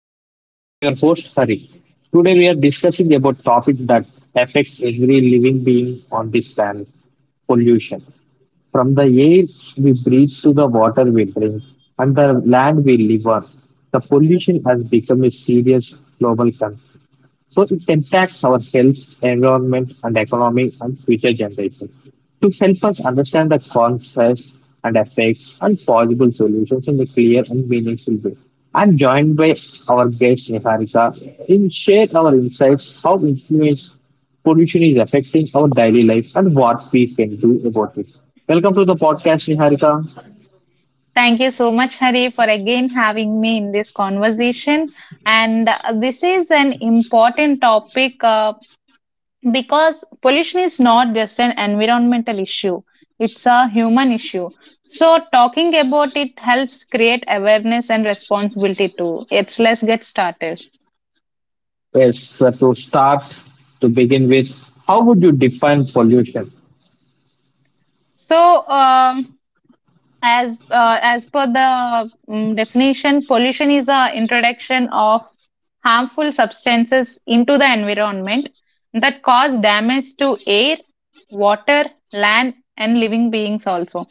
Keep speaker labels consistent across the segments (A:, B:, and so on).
A: podcast. I'm your host Hari. Today we are discussing about topic that affects every living being on this planet, pollution. From the air we breathe to the water we drink and the land we live on, the pollution has become a serious global concern. So it impacts our health, environment, and economy and future generations. To help us understand the causes and effects and possible solutions in a clear and meaningful way, I'm joined by our guest Niharika in share our insights how influence pollution is affecting our daily life and what we can do about it. Welcome to the podcast, Niharika.
B: Thank you so much, Hari, for again having me in this conversation. And this is an important topic, because pollution is not just an environmental issue, it's a human issue. So, talking about it helps create awareness and responsibility too. It's, let's get started.
A: Yes, so to start, to begin with, how would you define pollution?
B: So, as per the definition, pollution is a introduction of harmful substances into the environment that cause damage to air, water, land, and living beings also.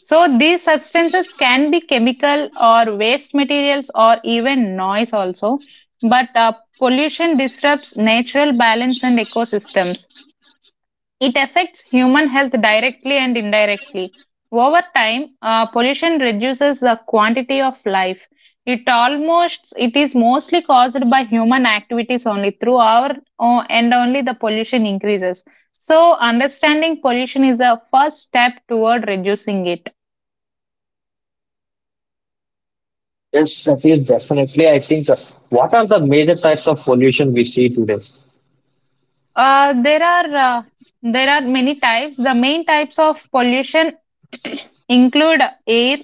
B: So these substances can be chemical or waste materials or even noise also, but pollution disrupts natural balance and ecosystems. It affects human health directly and indirectly. Over time, pollution reduces the quantity of life. It almost it is mostly caused by human activities only through our and only the pollution increases. So understanding pollution is a first step toward reducing it.
A: Yes, that is definitely. I think the, what are the major types of pollution we see today?
B: Uh, there are uh, there are many types. The main types of pollution include air,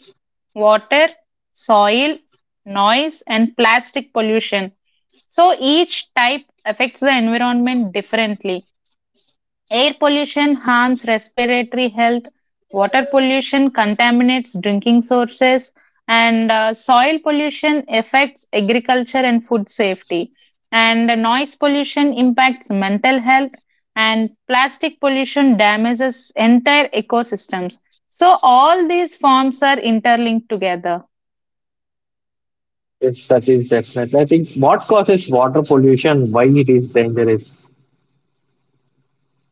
B: water, soil, noise, and plastic pollution. So each type affects the environment differently. Air pollution harms respiratory health, water pollution contaminates drinking sources, and soil pollution affects agriculture and food safety. And noise pollution impacts mental health, and plastic pollution damages entire ecosystems. So, all these forms are interlinked together.
A: Yes, that is definitely. I think what causes water pollution, why it is dangerous.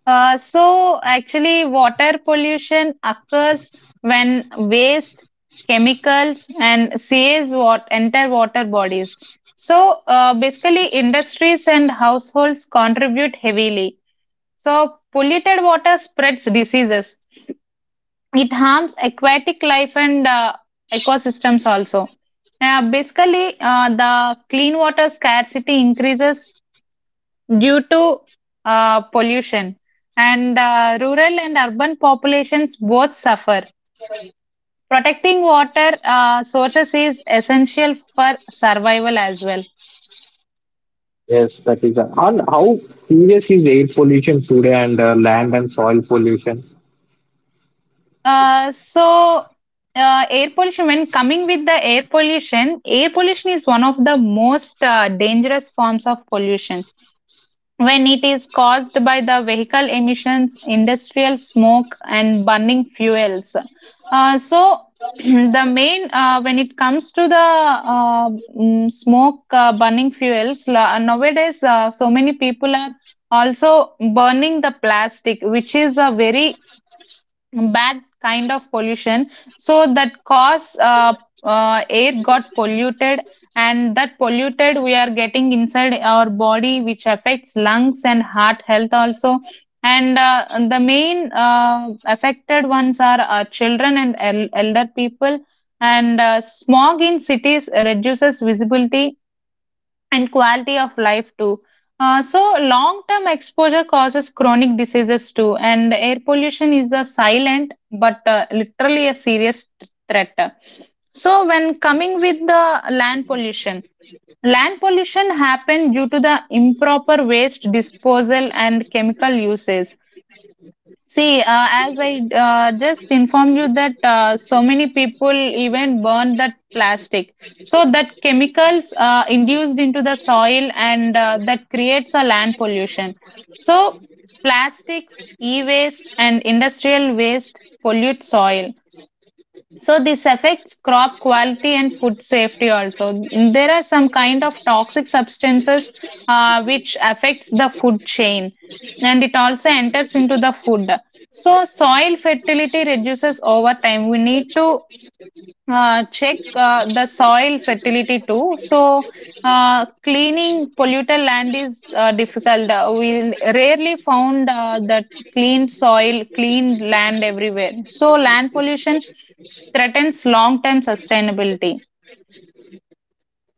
B: So actually, water pollution occurs when waste, chemicals, and sewage enter water bodies. So basically, industries and households contribute heavily. So polluted water spreads diseases. It harms aquatic life and ecosystems also. The clean water scarcity increases due to pollution, and rural and urban populations both suffer. Protecting water sources is essential for survival as well.
A: Yes, that is. And how serious is air pollution today and land and soil pollution?
B: Uh, so air pollution when coming with the air pollution Air pollution is one of the most dangerous forms of pollution when it is caused by the vehicle emissions, industrial smoke, and burning fuels. So, the main when it comes to the mm, smoke, burning fuels, nowadays, so many people are also burning the plastic, which is a very bad kind of pollution. So that cause air got polluted, and that polluted we are getting inside our body, which affects lungs and heart health also. And the main affected ones are, children and elder people. And smog in cities reduces visibility and quality of life too. So, long term exposure causes chronic diseases too, and air pollution is a silent but, literally, a serious threat. So, when coming with the land pollution happened due to the improper waste disposal and chemical uses. See, as I just informed you that, so many people even burn that plastic. So that chemicals induced into the soil, and that creates a land pollution. So plastics, e-waste, and industrial waste pollute soil. So this affects crop quality and food safety also. There are some kind of toxic substances which affects the food chain, and it also enters into the food. So soil fertility reduces over time. We need to check the soil fertility too. So, cleaning polluted land is difficult. We rarely found that clean soil, clean land everywhere. So, land pollution threatens long term sustainability.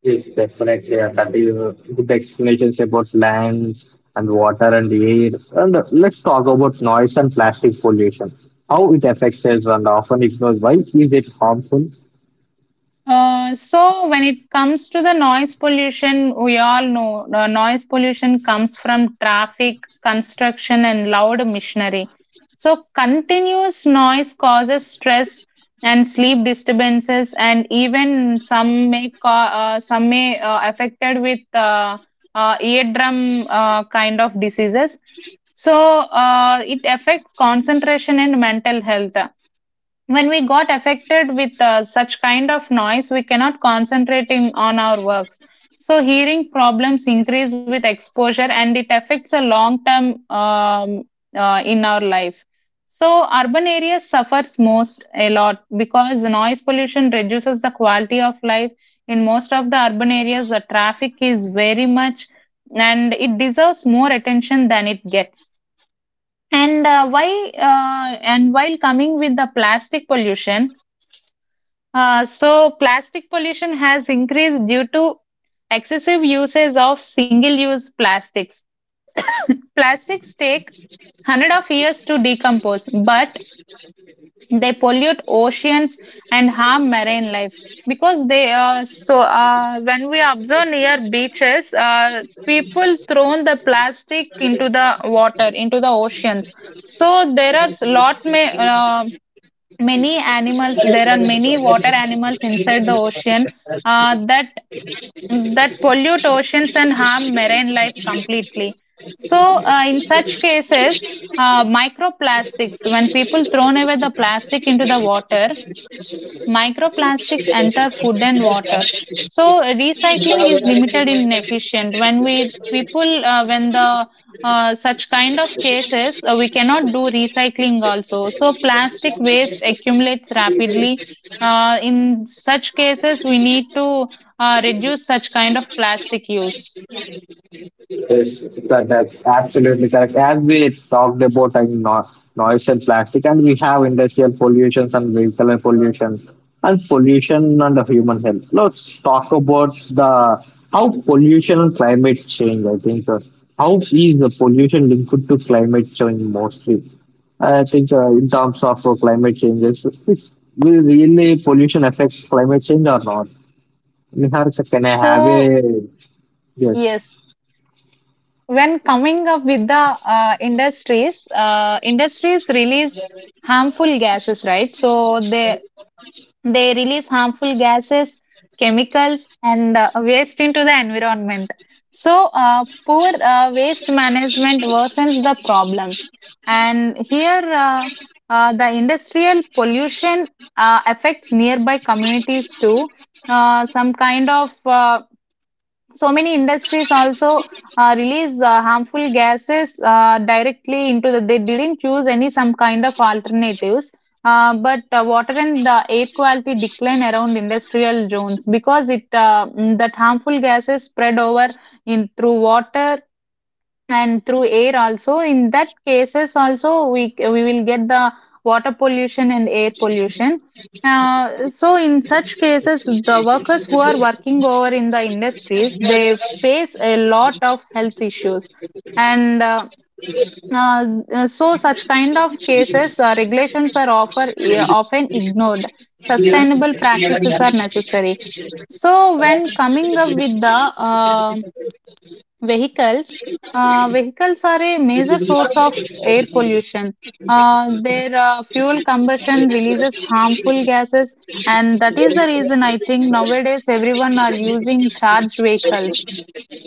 A: Yes, definitely. That is good explanations about land and water and air. And let's talk about noise and plastic pollution. How it affects us and often ignored. Why is it harmful?
B: So when it comes to the noise pollution, we all know the noise pollution comes from traffic, construction, and loud machinery. So continuous noise causes stress and sleep disturbances, and even some may some may affected with eardrum kind of diseases. So it affects concentration and mental health. When we got affected with, such kind of noise, we cannot concentrate in, on our works. So hearing problems increase with exposure, and it affects a long term in our life. So urban areas suffers most a lot because noise pollution reduces the quality of life. In most of the urban areas the traffic is very much, and it deserves more attention than it gets. And uh, why uh, and while coming with the plastic pollution, so, plastic pollution has increased due to excessive uses of single use plastics. Plastics take 100 of years to decompose, but they pollute oceans and harm marine life, because they when we observe near beaches, people thrown the plastic into the water, into the oceans. So there are many animals, there are many water animals inside the ocean, that that pollute oceans and harm marine life completely. So, in such cases, microplastics, when people thrown away the plastic into the water, microplastics enter food and water. So, recycling is needed in when we people when the, such kind of cases, we cannot do recycling also, so plastic waste accumulates rapidly. In such cases we need to reduce such kind of plastic use.
A: Yes, correct. Absolutely correct. As we talked about and no, noise and plastic, and we have industrial pollutions and vehicular pollutions and pollution on the human health. Let's talk about the how pollution and climate change. I think so. How is the pollution linked to climate change mostly? I think in terms of climate changes, will really pollution affect climate change or not? Nihar, can I have
B: So
A: a yes?
B: yes, when coming up with the, industries release harmful gases, right? They They release harmful gases, chemicals, and waste into the environment. So, poor waste management worsens the problem. And here, the industrial pollution affects nearby communities too. Some kind of, so many industries also release, harmful gases directly into the. They didn't choose any some kind of alternatives. But water and air quality decline around industrial zones, because it, that harmful gases spread over in through water and through air also. In that cases also, we will get the water pollution and air pollution. So in such cases, the workers who are working over in the industries, they face a lot of health issues. And so such kind of cases, regulations are often ignored. Sustainable necessary. So when coming up with the, vehicles vehicles are a major source of air pollution. Their fuel combustion releases harmful gases, and that is the reason I think nowadays everyone are using charged vehicles.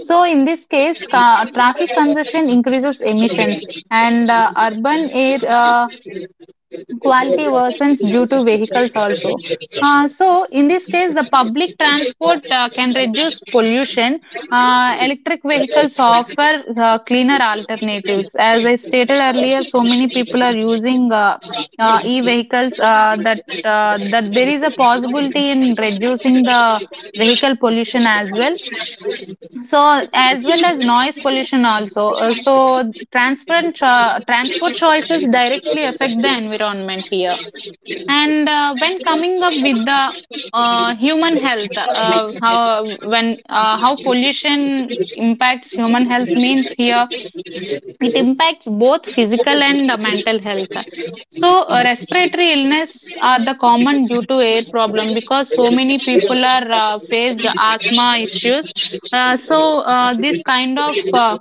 B: So in this case, traffic congestion increases emissions, and urban air quality worsens due to vehicles also. So, in this case, the public transport can reduce pollution. Electric vehicles offer cleaner alternatives. As I stated earlier, so many people are using e-vehicles that there is a possibility in reducing the vehicle pollution as well. So, as well as noise pollution also. So, transport transport choices directly affect the environment here. And when coming up with the, human health, how pollution impacts human health means here, it impacts both physical and mental health. So respiratory illness are the common due to air problem, because so many people are face asthma issues. This kind of, uh,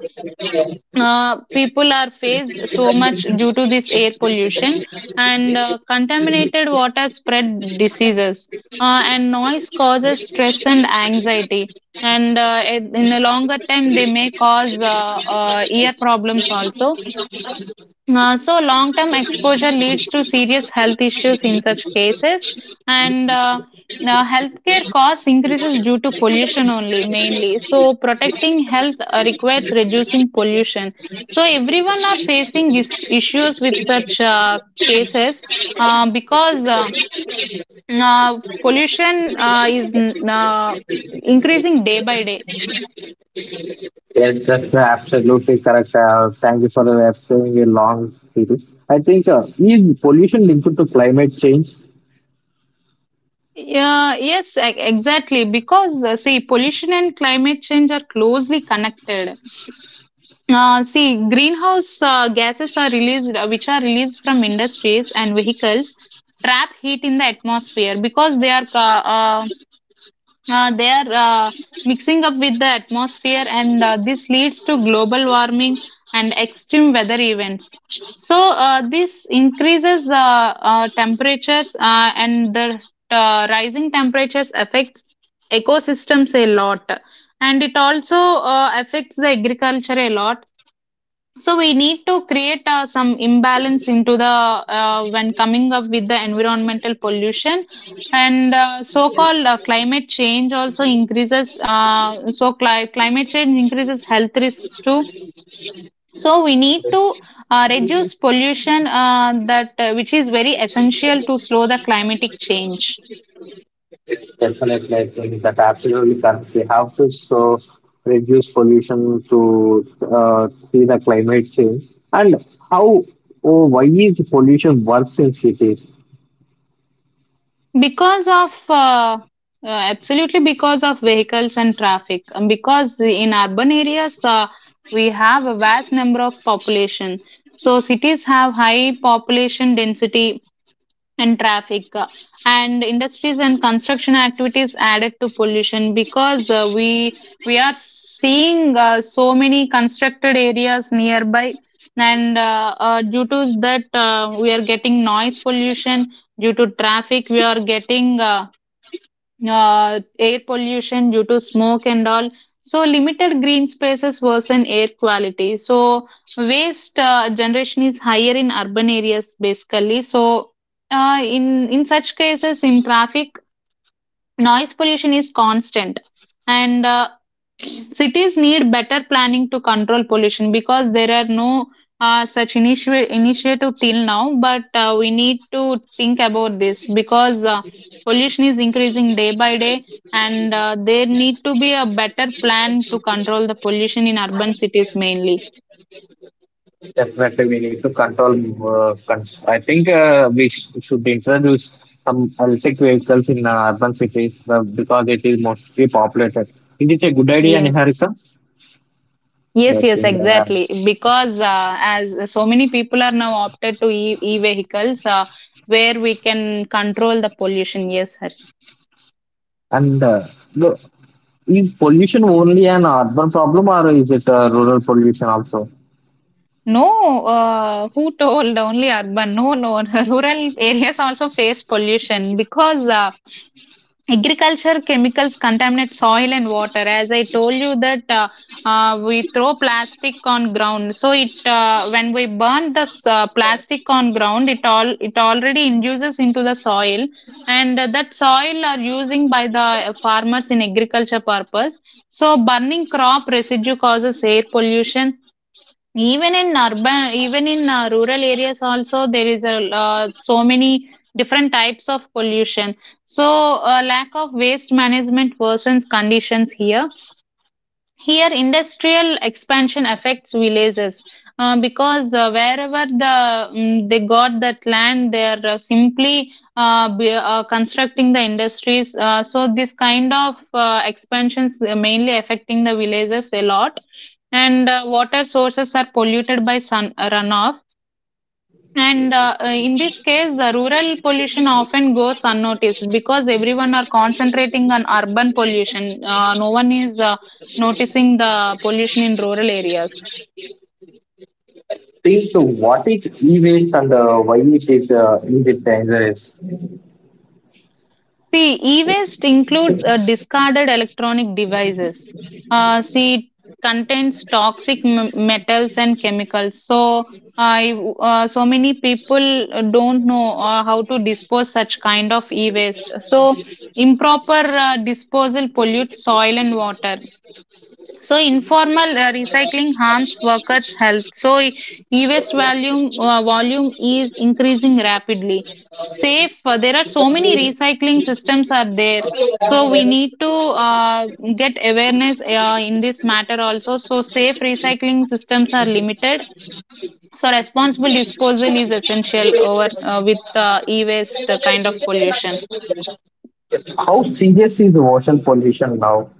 B: uh, people are faced so much due to this air pollution. And contaminated water spread diseases, and noise causes stress and anxiety. And in the longer term they may cause, ear problems also. So, long term exposure leads to serious health issues in such cases, and healthcare costs increases due to pollution only mainly. So, protecting health requires reducing pollution. So, everyone are facing issues with such cases, because pollution is increasing day by day.
A: Yes, that's absolutely correct. Thank you for explaining a long series. I think is pollution linked to climate change?
B: Exactly. Because see, pollution and climate change are closely connected. See, greenhouse gases are released, which are released from industries and vehicles, trap heat in the atmosphere, because uh, they are uh, mixing up with the atmosphere, and this leads to global warming and extreme weather events. So this increases the temperatures, and the rising temperatures affects ecosystems a lot, and it also affects the agriculture a lot. So we need to create some imbalance into the, when coming up with the environmental pollution. And so called climate change also increases, climate change increases health risks too. So we need to reduce pollution, that which is very essential to slow the climatic change.
A: Definitely, I think that absolutely correct. We have to so reduce pollution to see the climate change. And how or why is pollution worse in cities?
B: Because of, absolutely because of vehicles and traffic, and because in urban areas, we have a vast number of population. So cities have high population density, and traffic, and industries and construction activities added to pollution, because we are seeing so many constructed areas nearby. And due to that, we are getting noise pollution. Due to traffic we are getting, air pollution due to smoke and all. So, limited green spaces worsen air quality. So, waste generation is higher in urban areas basically. So, in such cases, in traffic, noise pollution is constant and cities need better planning to control pollution because there are no such initiative till now, but we need to think about this because pollution is increasing day by day, and there need to be a better plan to control the pollution in urban cities mainly.
A: Definitely, we need to control. I think we should introduce some electric vehicles in urban cities because it is mostly populated. Is it a good idea, Niharika.
B: Yes,
A: Yes,
B: yes, exactly. Because as so many people are now opted to e-vehicles, where we can control the pollution. Yes, sir.
A: and the, is pollution only an urban problem or is it rural pollution also?
B: No, who told only urban? No, no, rural areas also face pollution because agriculture chemicals contaminate soil and water. As I told you that, we throw plastic on ground, so it. When we burn this plastic on ground, it all it already induces into the soil, and that soil are using by the farmers in agriculture purpose. So burning crop residue causes air pollution, even in urban, even in rural areas also. There is a so many different types of pollution. So lack of waste management worsens conditions here. Here, industrial expansion affects villages, because wherever the they got that land, they are simply constructing the industries. So this kind of expansions mainly affecting the villages a lot. And water sources are polluted by sun runoff, and in this case, the rural pollution often goes unnoticed because everyone are concentrating on urban pollution. No one is noticing the pollution in rural areas.
A: Please, so what is e-waste and why it is it dangerous?
B: See, e-waste includes discarded electronic devices. See, it contains toxic metals and chemicals. So, I so many people don't know how to dispose such kind of e-waste. So, improper disposal pollutes soil and water. So informal recycling harms workers' health. So e-waste volume is increasing rapidly. Safe. There are so many recycling systems are there to get awareness in this matter also. So safe recycling systems are limited. So responsible disposal is essential over the e-waste kind of.
A: How serious is the ocean pollution now?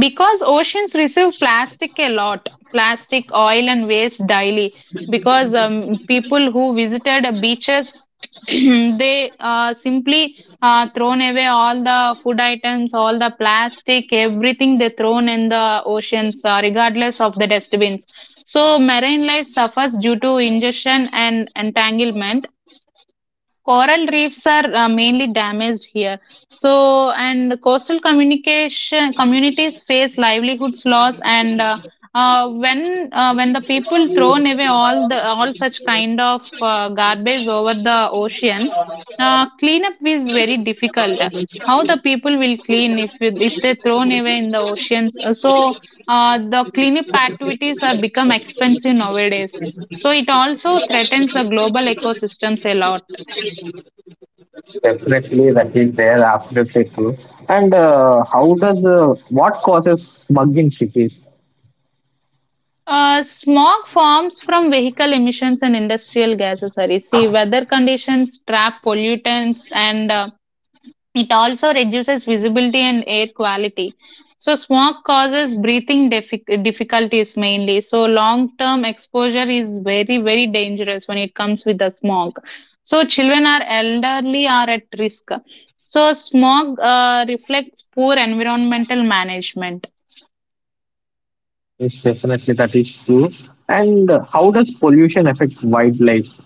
B: Because oceans receive plastic a lot, plastic, oil, and waste daily. Because people who visited beaches, they simply thrown away all the food items, all the plastic, everything they thrown in the oceans, regardless of the dustbins. So marine life suffers due to ingestion and entanglement. Coral reefs are mainly damaged here. So, and coastal communication communities face livelihoods loss, and when the people thrown away all the all such kind of garbage over the ocean, cleanup is very difficult. How the people will clean if if they thrown away in the oceans? So the cleanup activities are become expensive nowadays. So it also threatens the global ecosystems a lot.
A: Definitely, that is there. Absolutely true. And how does what causes bug in cities?
B: Smog forms from vehicle emissions and industrial gases, Hari. See, weather conditions trap pollutants, and it also reduces visibility and air quality. So, smog causes breathing difficulties mainly. So, long term exposure is very, very dangerous when it comes with the smog. So, children or elderly are at risk. So, smog reflects poor environmental management.
A: Yes, definitely that is true. And how does pollution affect wildlife?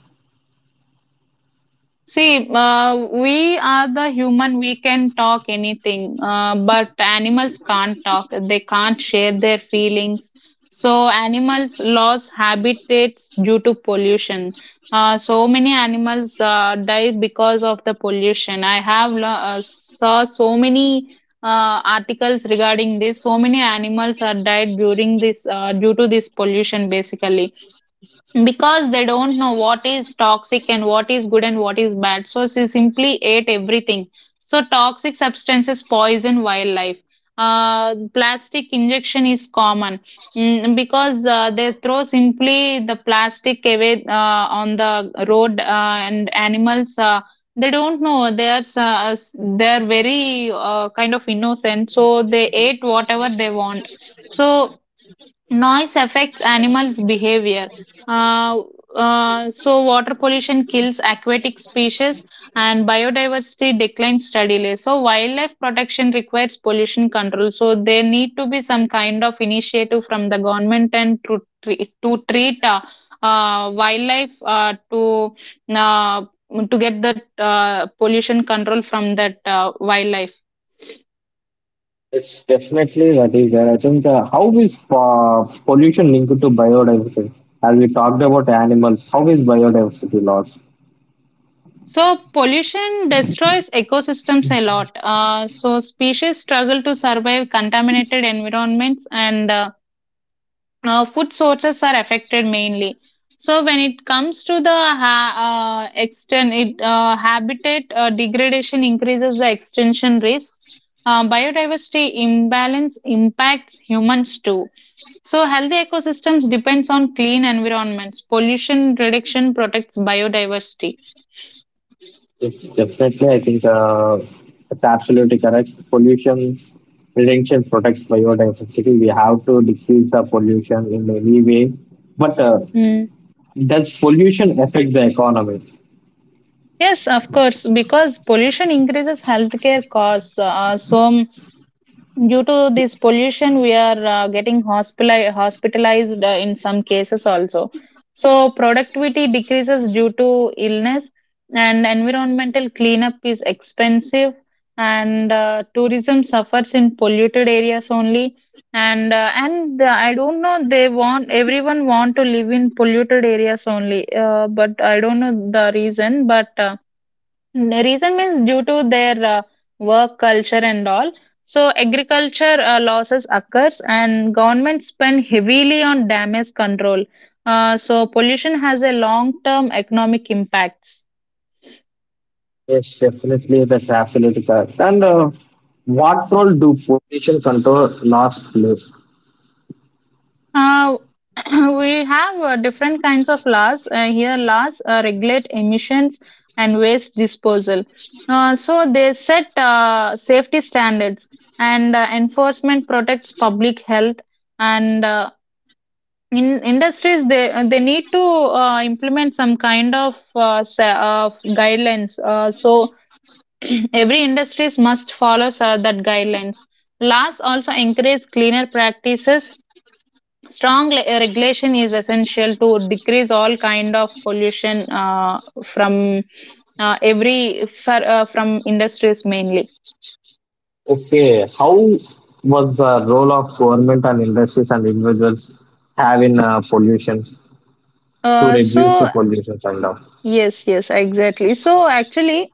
B: See, we are the human, we can talk anything, but animals can't talk. They can't share their feelings. So, animals lose habitats due to pollution. So many animals die because of the pollution. I have saw so many articles regarding this. So many animals are died during this due to this pollution, basically, because they don't know what is toxic and what is good and what is bad, so she simply ate everything. So toxic substances poison wildlife. Plastic injection is common. Because they throw simply the plastic away on the road, and animals they don't know they they are very kind of innocent, so they ate whatever they want. So Noise affects animals' behavior. Uh, so, water pollution kills aquatic species and biodiversity declines steadily. So, wildlife protection requires pollution control. So, there need to be some kind of initiative from the government and to, to treat wildlife uh, to get that pollution control from that wildlife.
A: It's definitely that is there. I think how is pollution linked to biodiversity? Have we talked about animals? How is biodiversity loss?
B: So, pollution destroys systems a lot. So species struggle to survive contaminated environments, and food sources are affected mainly. So when it comes to the extent, it habitat degradation increases the extinction risk. Biodiversity imbalance impacts humans too. So healthy ecosystems depends on clean environments. Pollution reduction protects biodiversity.
A: Yes, definitely. I think that's absolutely correct. Pollution prevention protects biodiversity. We have to decrease the pollution in any way. But does pollution affect the economy?
B: Yes, of course, because pollution increases healthcare costs. So, due to this pollution, we are getting hospitalized in some cases also. So, productivity decreases due to illness, and environmental cleanup is expensive, and tourism suffers in polluted areas only. And the, I don't know. They want everyone want to live in polluted areas only, but I don't know the reason, but. Reason means due to their work culture and all. So agriculture losses occurs and government spend heavily on damage control. So pollution has a long-term economic impacts.
A: Yes, definitely. That's absolutely correct. And what role do pollution control laws play?
B: Uh, we have different kinds of laws. Here laws regulate emissions and waste disposal. So they set safety standards and enforcement protects public health, and in industries they need to implement some kind of guidelines, so every industries must follow that guidelines. Laws also encourage cleaner practices. Strong regulation is essential to decrease all kind of pollution from every from industries mainly.
A: Okay, how was the role of government and industries and individuals have in pollution to reduce
B: So,
A: the pollution kind
B: yes, yes, exactly, so actually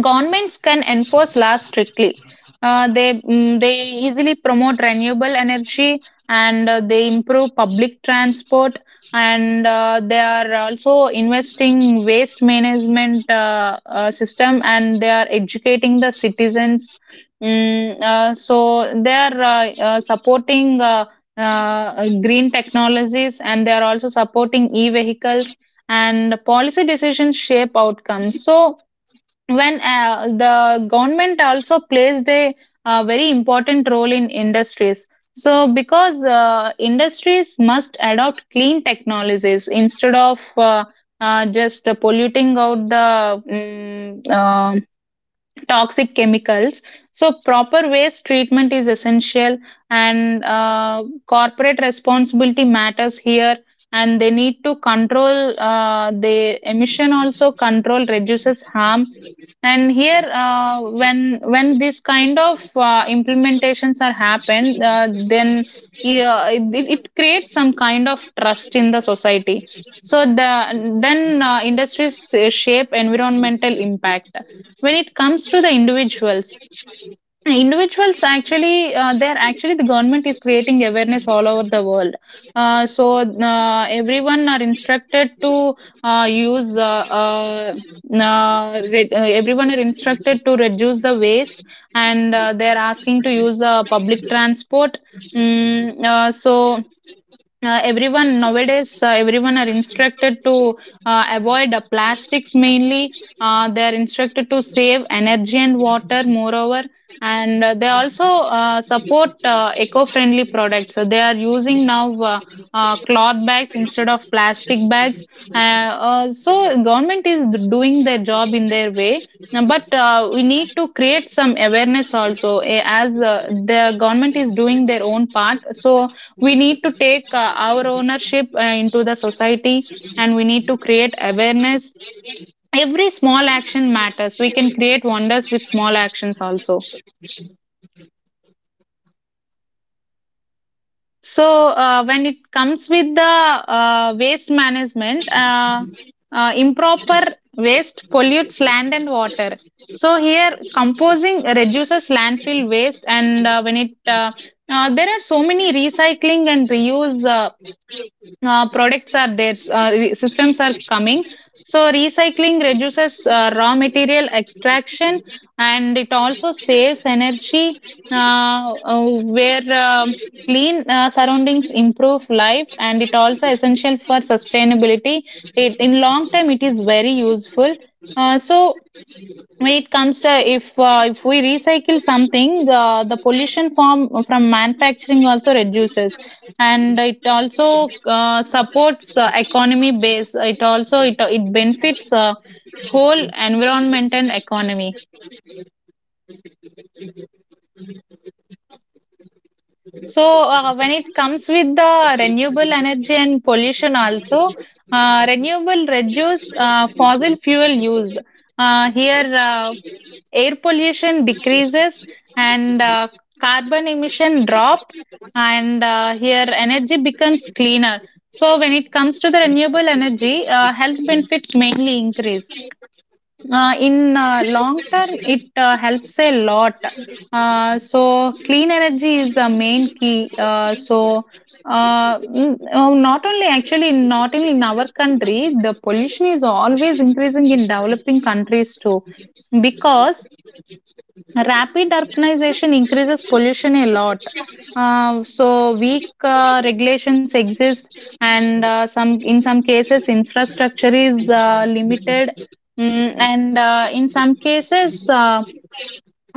B: Governments can enforce laws strictly. They they easily promote renewable energy, and they improve public transport, and they are also investing waste management system, and they are educating the citizens. So they are supporting green technologies, and they are also supporting e-vehicles, and policy decisions shape outcomes. So when the government also plays a very important role in industries. So because industries must adopt clean technologies instead of just polluting out the toxic chemicals. So proper waste treatment is essential, and corporate responsibility matters here, and they need to control the emission also. Control reduces harm, and here, when this kind of implementations are happened, then yeah, it creates some kind of trust in the society. So the then industries shape environmental impact. When it comes to the individuals, individuals actually they're actually the government is creating awareness all over the world. So everyone are instructed to use everyone are instructed to reduce the waste, and they're asking to use public transport. So everyone nowadays everyone are instructed to avoid plastics mainly. They are instructed to save energy and water moreover, and they also support eco-friendly products, so they are using now cloth bags instead of plastic bags. So government is doing their job in their way. Now, but we need to create some awareness also, eh, as the government is doing their own part, so we need to take our ownership into the society, and we need to create awareness. Every small action matters. We can create wonders with small action also. So when it comes with the waste management, improper waste pollutes land and water. So here composing reduces landfill waste, and when it there are so many recycling and reuse products are there, systems are coming. So, recycling reduces raw material extraction, and it also saves energy, uh, uh, where clean surroundings improve life, and it also essential for sustainability. It, in long term, it is very useful. So, when it comes to if we recycle something, the pollution from manufacturing also reduces, and it also supports economy base. It also it benefits whole environment and economy. So when it comes with the renewable energy and pollution also, renewable reduce fossil fuel use. Here air pollution decreases, and carbon emission drop, and here energy becomes cleaner. So when it comes to the renewable energy, health benefits mainly increase. In long term it helps a lot. So clean energy is a main key. So not only actually not only in our country the pollution is always increasing in developing countries too, because Rapid urbanization increases pollution a lot. So weak regulations exist, and some in some cases infrastructure is limited. Mm, and In some cases,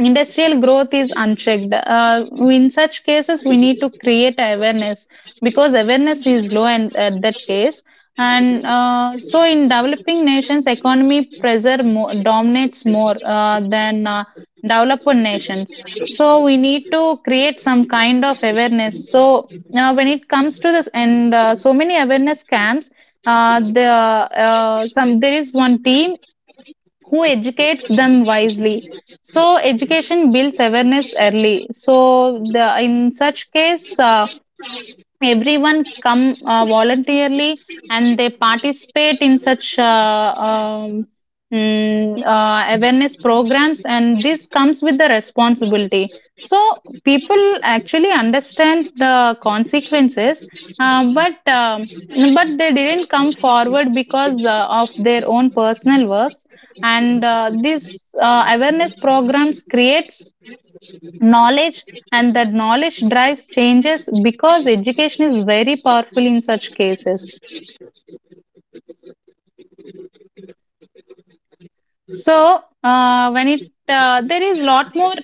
B: industrial growth is unchecked. In such cases, we need to create awareness because awareness is low and at that case. In developing nations, economy pressure dominates more than developed nations. So we need to create some kind of awareness. When it comes to this, and so many awareness camps, there is one team who educates them wisely, so education builds awareness early. So the in such case, everyone come voluntarily and they participate in such awareness programs, and this comes with the responsibility, so people actually understands the consequences. uh, but um, but they didn't come forward because of their own personal works. And this awareness programs creates knowledge, and that knowledge drives changes because education is very powerful in such cases. So uh, when it uh, there is lot more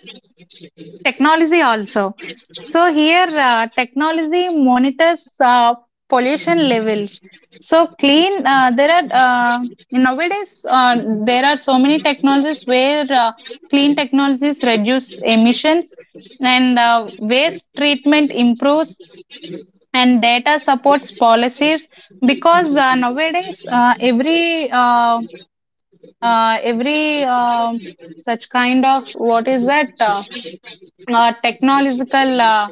B: technology also. So here, technology monitors pollution levels. So clean uh, there are uh, nowadays uh, there are so many technologies where clean technologies reduce emissions, and waste treatment improves, and data supports policies. Because nowadays, every such kind of what is that technological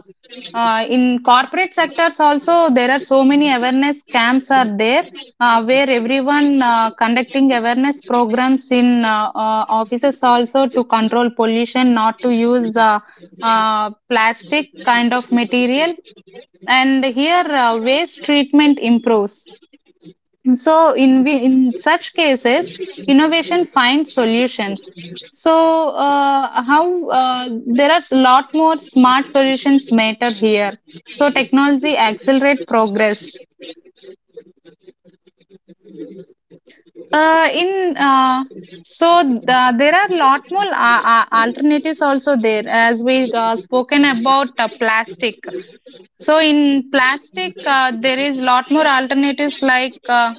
B: in corporate sectors also, there are so many awareness camps are there where everyone conducting awareness programs in offices also, to control pollution, not to use plastic kind of material. And here, waste treatment improves. So in such cases, innovation finds solutions. So how There are a lot more smart solutions matter here. So technology accelerate progress. In so There are lot more alternatives also there, as we spoken about plastic. So in plastic, there is lot more alternatives like.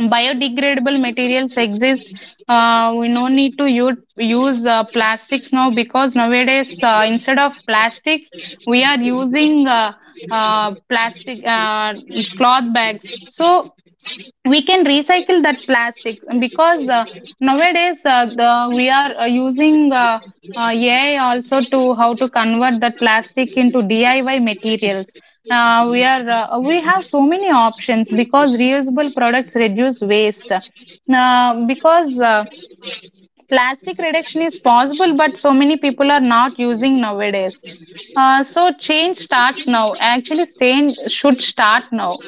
B: Biodegradable materials exist. We no need to use plastics now, because nowadays, instead of plastics, we are using plastic cloth bags, so we can recycle that plastic. Because nowadays, we are using AI also, to how to convert that plastic into DIY materials. We have so many options because reusable products reduce waste. Because Plastic reduction is possible, but so many people are not using nowadays. So change starts now. Actually, change should start now.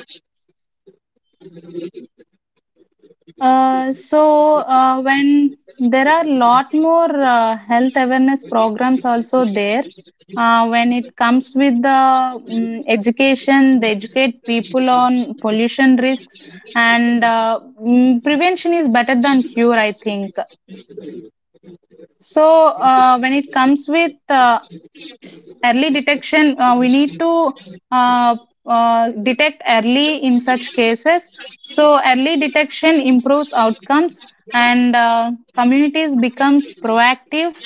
B: When there are lot more health awareness programs also there, when it comes with the education, they educate people on pollution risks. And prevention is better than cure, I think. So when it comes with uh, early detection, we need to uh, detect early in such cases. So early detection improves outcomes, and communities becomes proactive,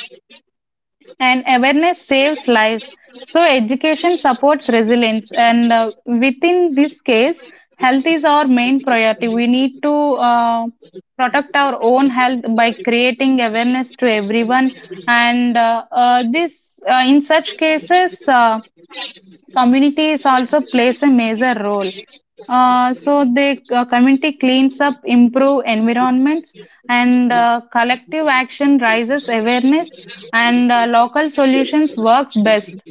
B: and awareness saves lives. So education supports resilience, and within this case, health is our main priority. We need to uh, protect our own health by creating awareness to everyone. And uh, uh, this uh, in such cases, communities also plays a major role. Uh, so the community cleans up, improve environments, and collective action raises awareness, and local solutions works best.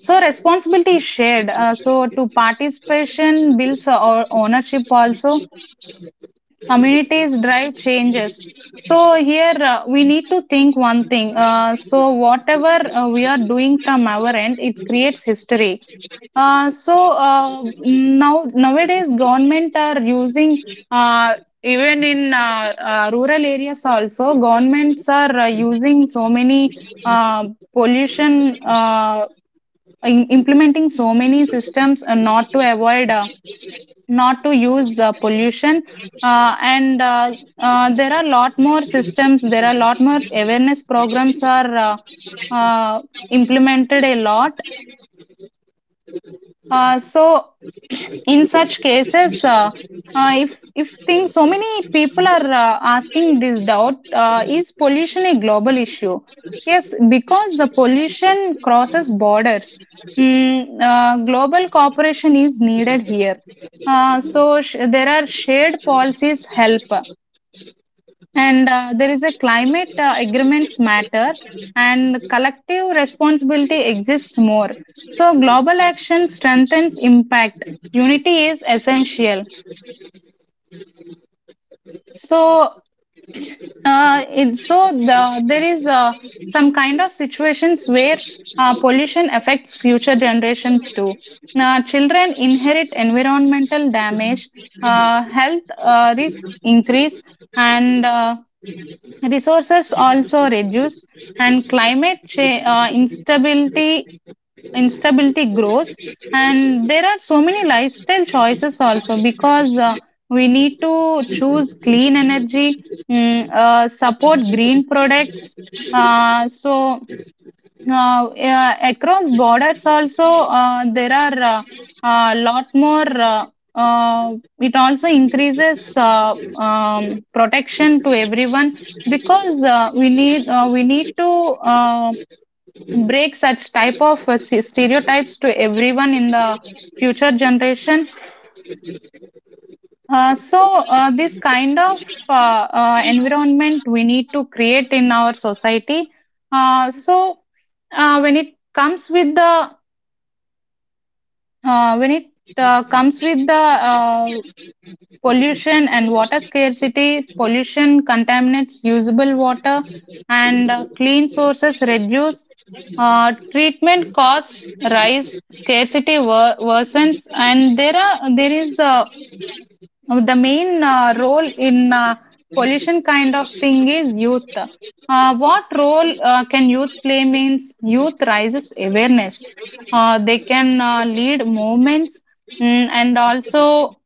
B: So responsibility is shared. So to participation builds our ownership also. Communities drive changes. So here, we need to think one thing. Whatever we are doing from our end, it creates history. Nowadays, government are using, uh, even in rural areas also, governments are using so many uh, pollution uh, implementing so many systems, not to avoid, not to use pollution. And There are lot more systems, there are lot more awareness programs are uh, implemented a lot. Uh, so, in such cases, if things, so many people are asking this doubt: is pollution a global issue? Yes, because the pollution crosses borders. Global cooperation is needed here. There are shared policies help, and there is a climate agreements matter, and collective responsibility exists more. So global action strengthens impact. Unity is essential. So there is some kind of situations where pollution affects future generations too. Now, children inherit environmental damage. Health risks increase, and resources also reduce, and climate instability, instability grows. And there are so many lifestyle choices also, because we need to choose clean energy, support green products. Uh, so now, yeah, across borders also, there are a lot more uh, it also increases protection to everyone. Because we need to break such type of stereotypes to everyone in the future generation. This kind of uh, environment we need to create in our society. uh, so when it comes with the when it comes with the pollution and water scarcity, pollution contaminates usable water, and clean sources reduce. Treatment costs rise, scarcity worsens, and there is the main role in pollution kind of thing is youth. What role can youth play means youth raises awareness. They can lead movements, and also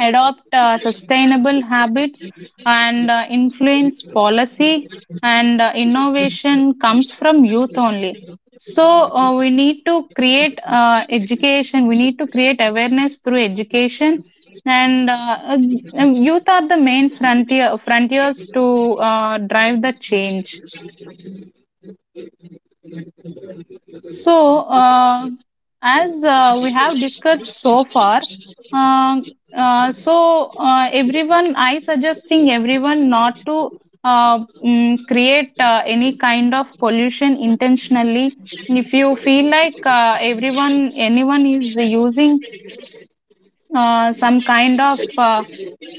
B: adopt sustainable habits, and influence policy, and innovation comes from youth only. So we need to create education, we need to create awareness through education. And Youth are the main frontiers to drive the change. so uh, as we have discussed so far, uh, everyone, I suggesting everyone not to create any kind of pollution intentionally. If you feel like everyone anyone is using some kind of uh,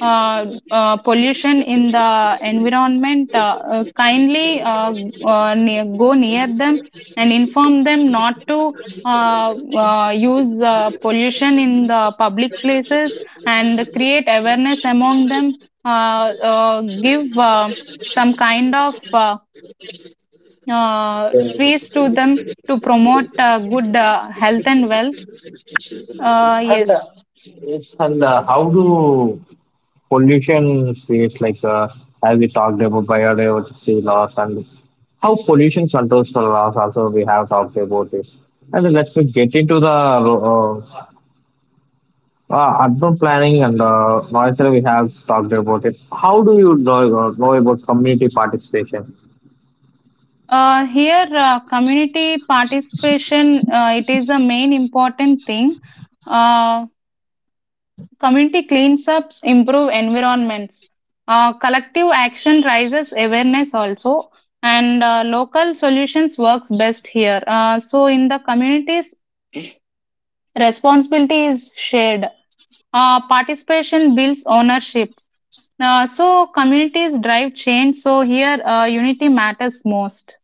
B: uh, uh, pollution in the environment, kindly go near them and inform them not to use pollution in the public places, and create awareness among them. Give some kind of
A: of?
B: trees to them to promote good health and wealth. Yes.
A: Yes, and how do pollution states like as we talked about biodiversity loss and how pollution controls the loss also we have talked about this. And then let's get into the urban planning and noise that we have talked about it. How do you know about community participation?
B: Community participation, it is a main important thing. Uh, Community cleanups improve environments. Collective action raises awareness also, and local solutions works best here. So in the communities, responsibility is shared. Participation builds ownership. Communities drive change. So here, unity matters most.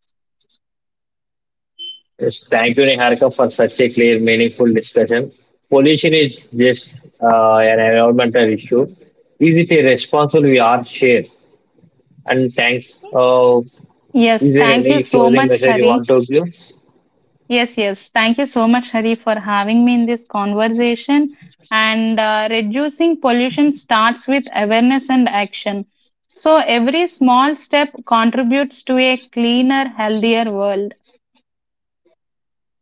A: Yes, thank you, Niharika, for such a clear, meaningful discussion. Pollution is just an environmental issue. Is it a responsible we are shared? And thanks. Uh, is
B: Yes,
A: there
B: thank you.
A: any closing message you want to give?
B: Yes, yes. Thank you so much, Hari, for having me in this conversation. And Reducing pollution starts with awareness and action. So every small step contributes to a cleaner, healthier world.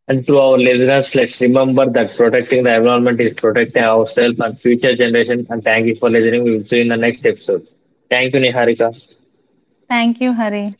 A: And to our listeners, let's remember that protecting the environment is protecting ourselves and future generation. And thank you for listening. We will see you in the next episode. Thank you, Niharika.
B: Thank you, Hari.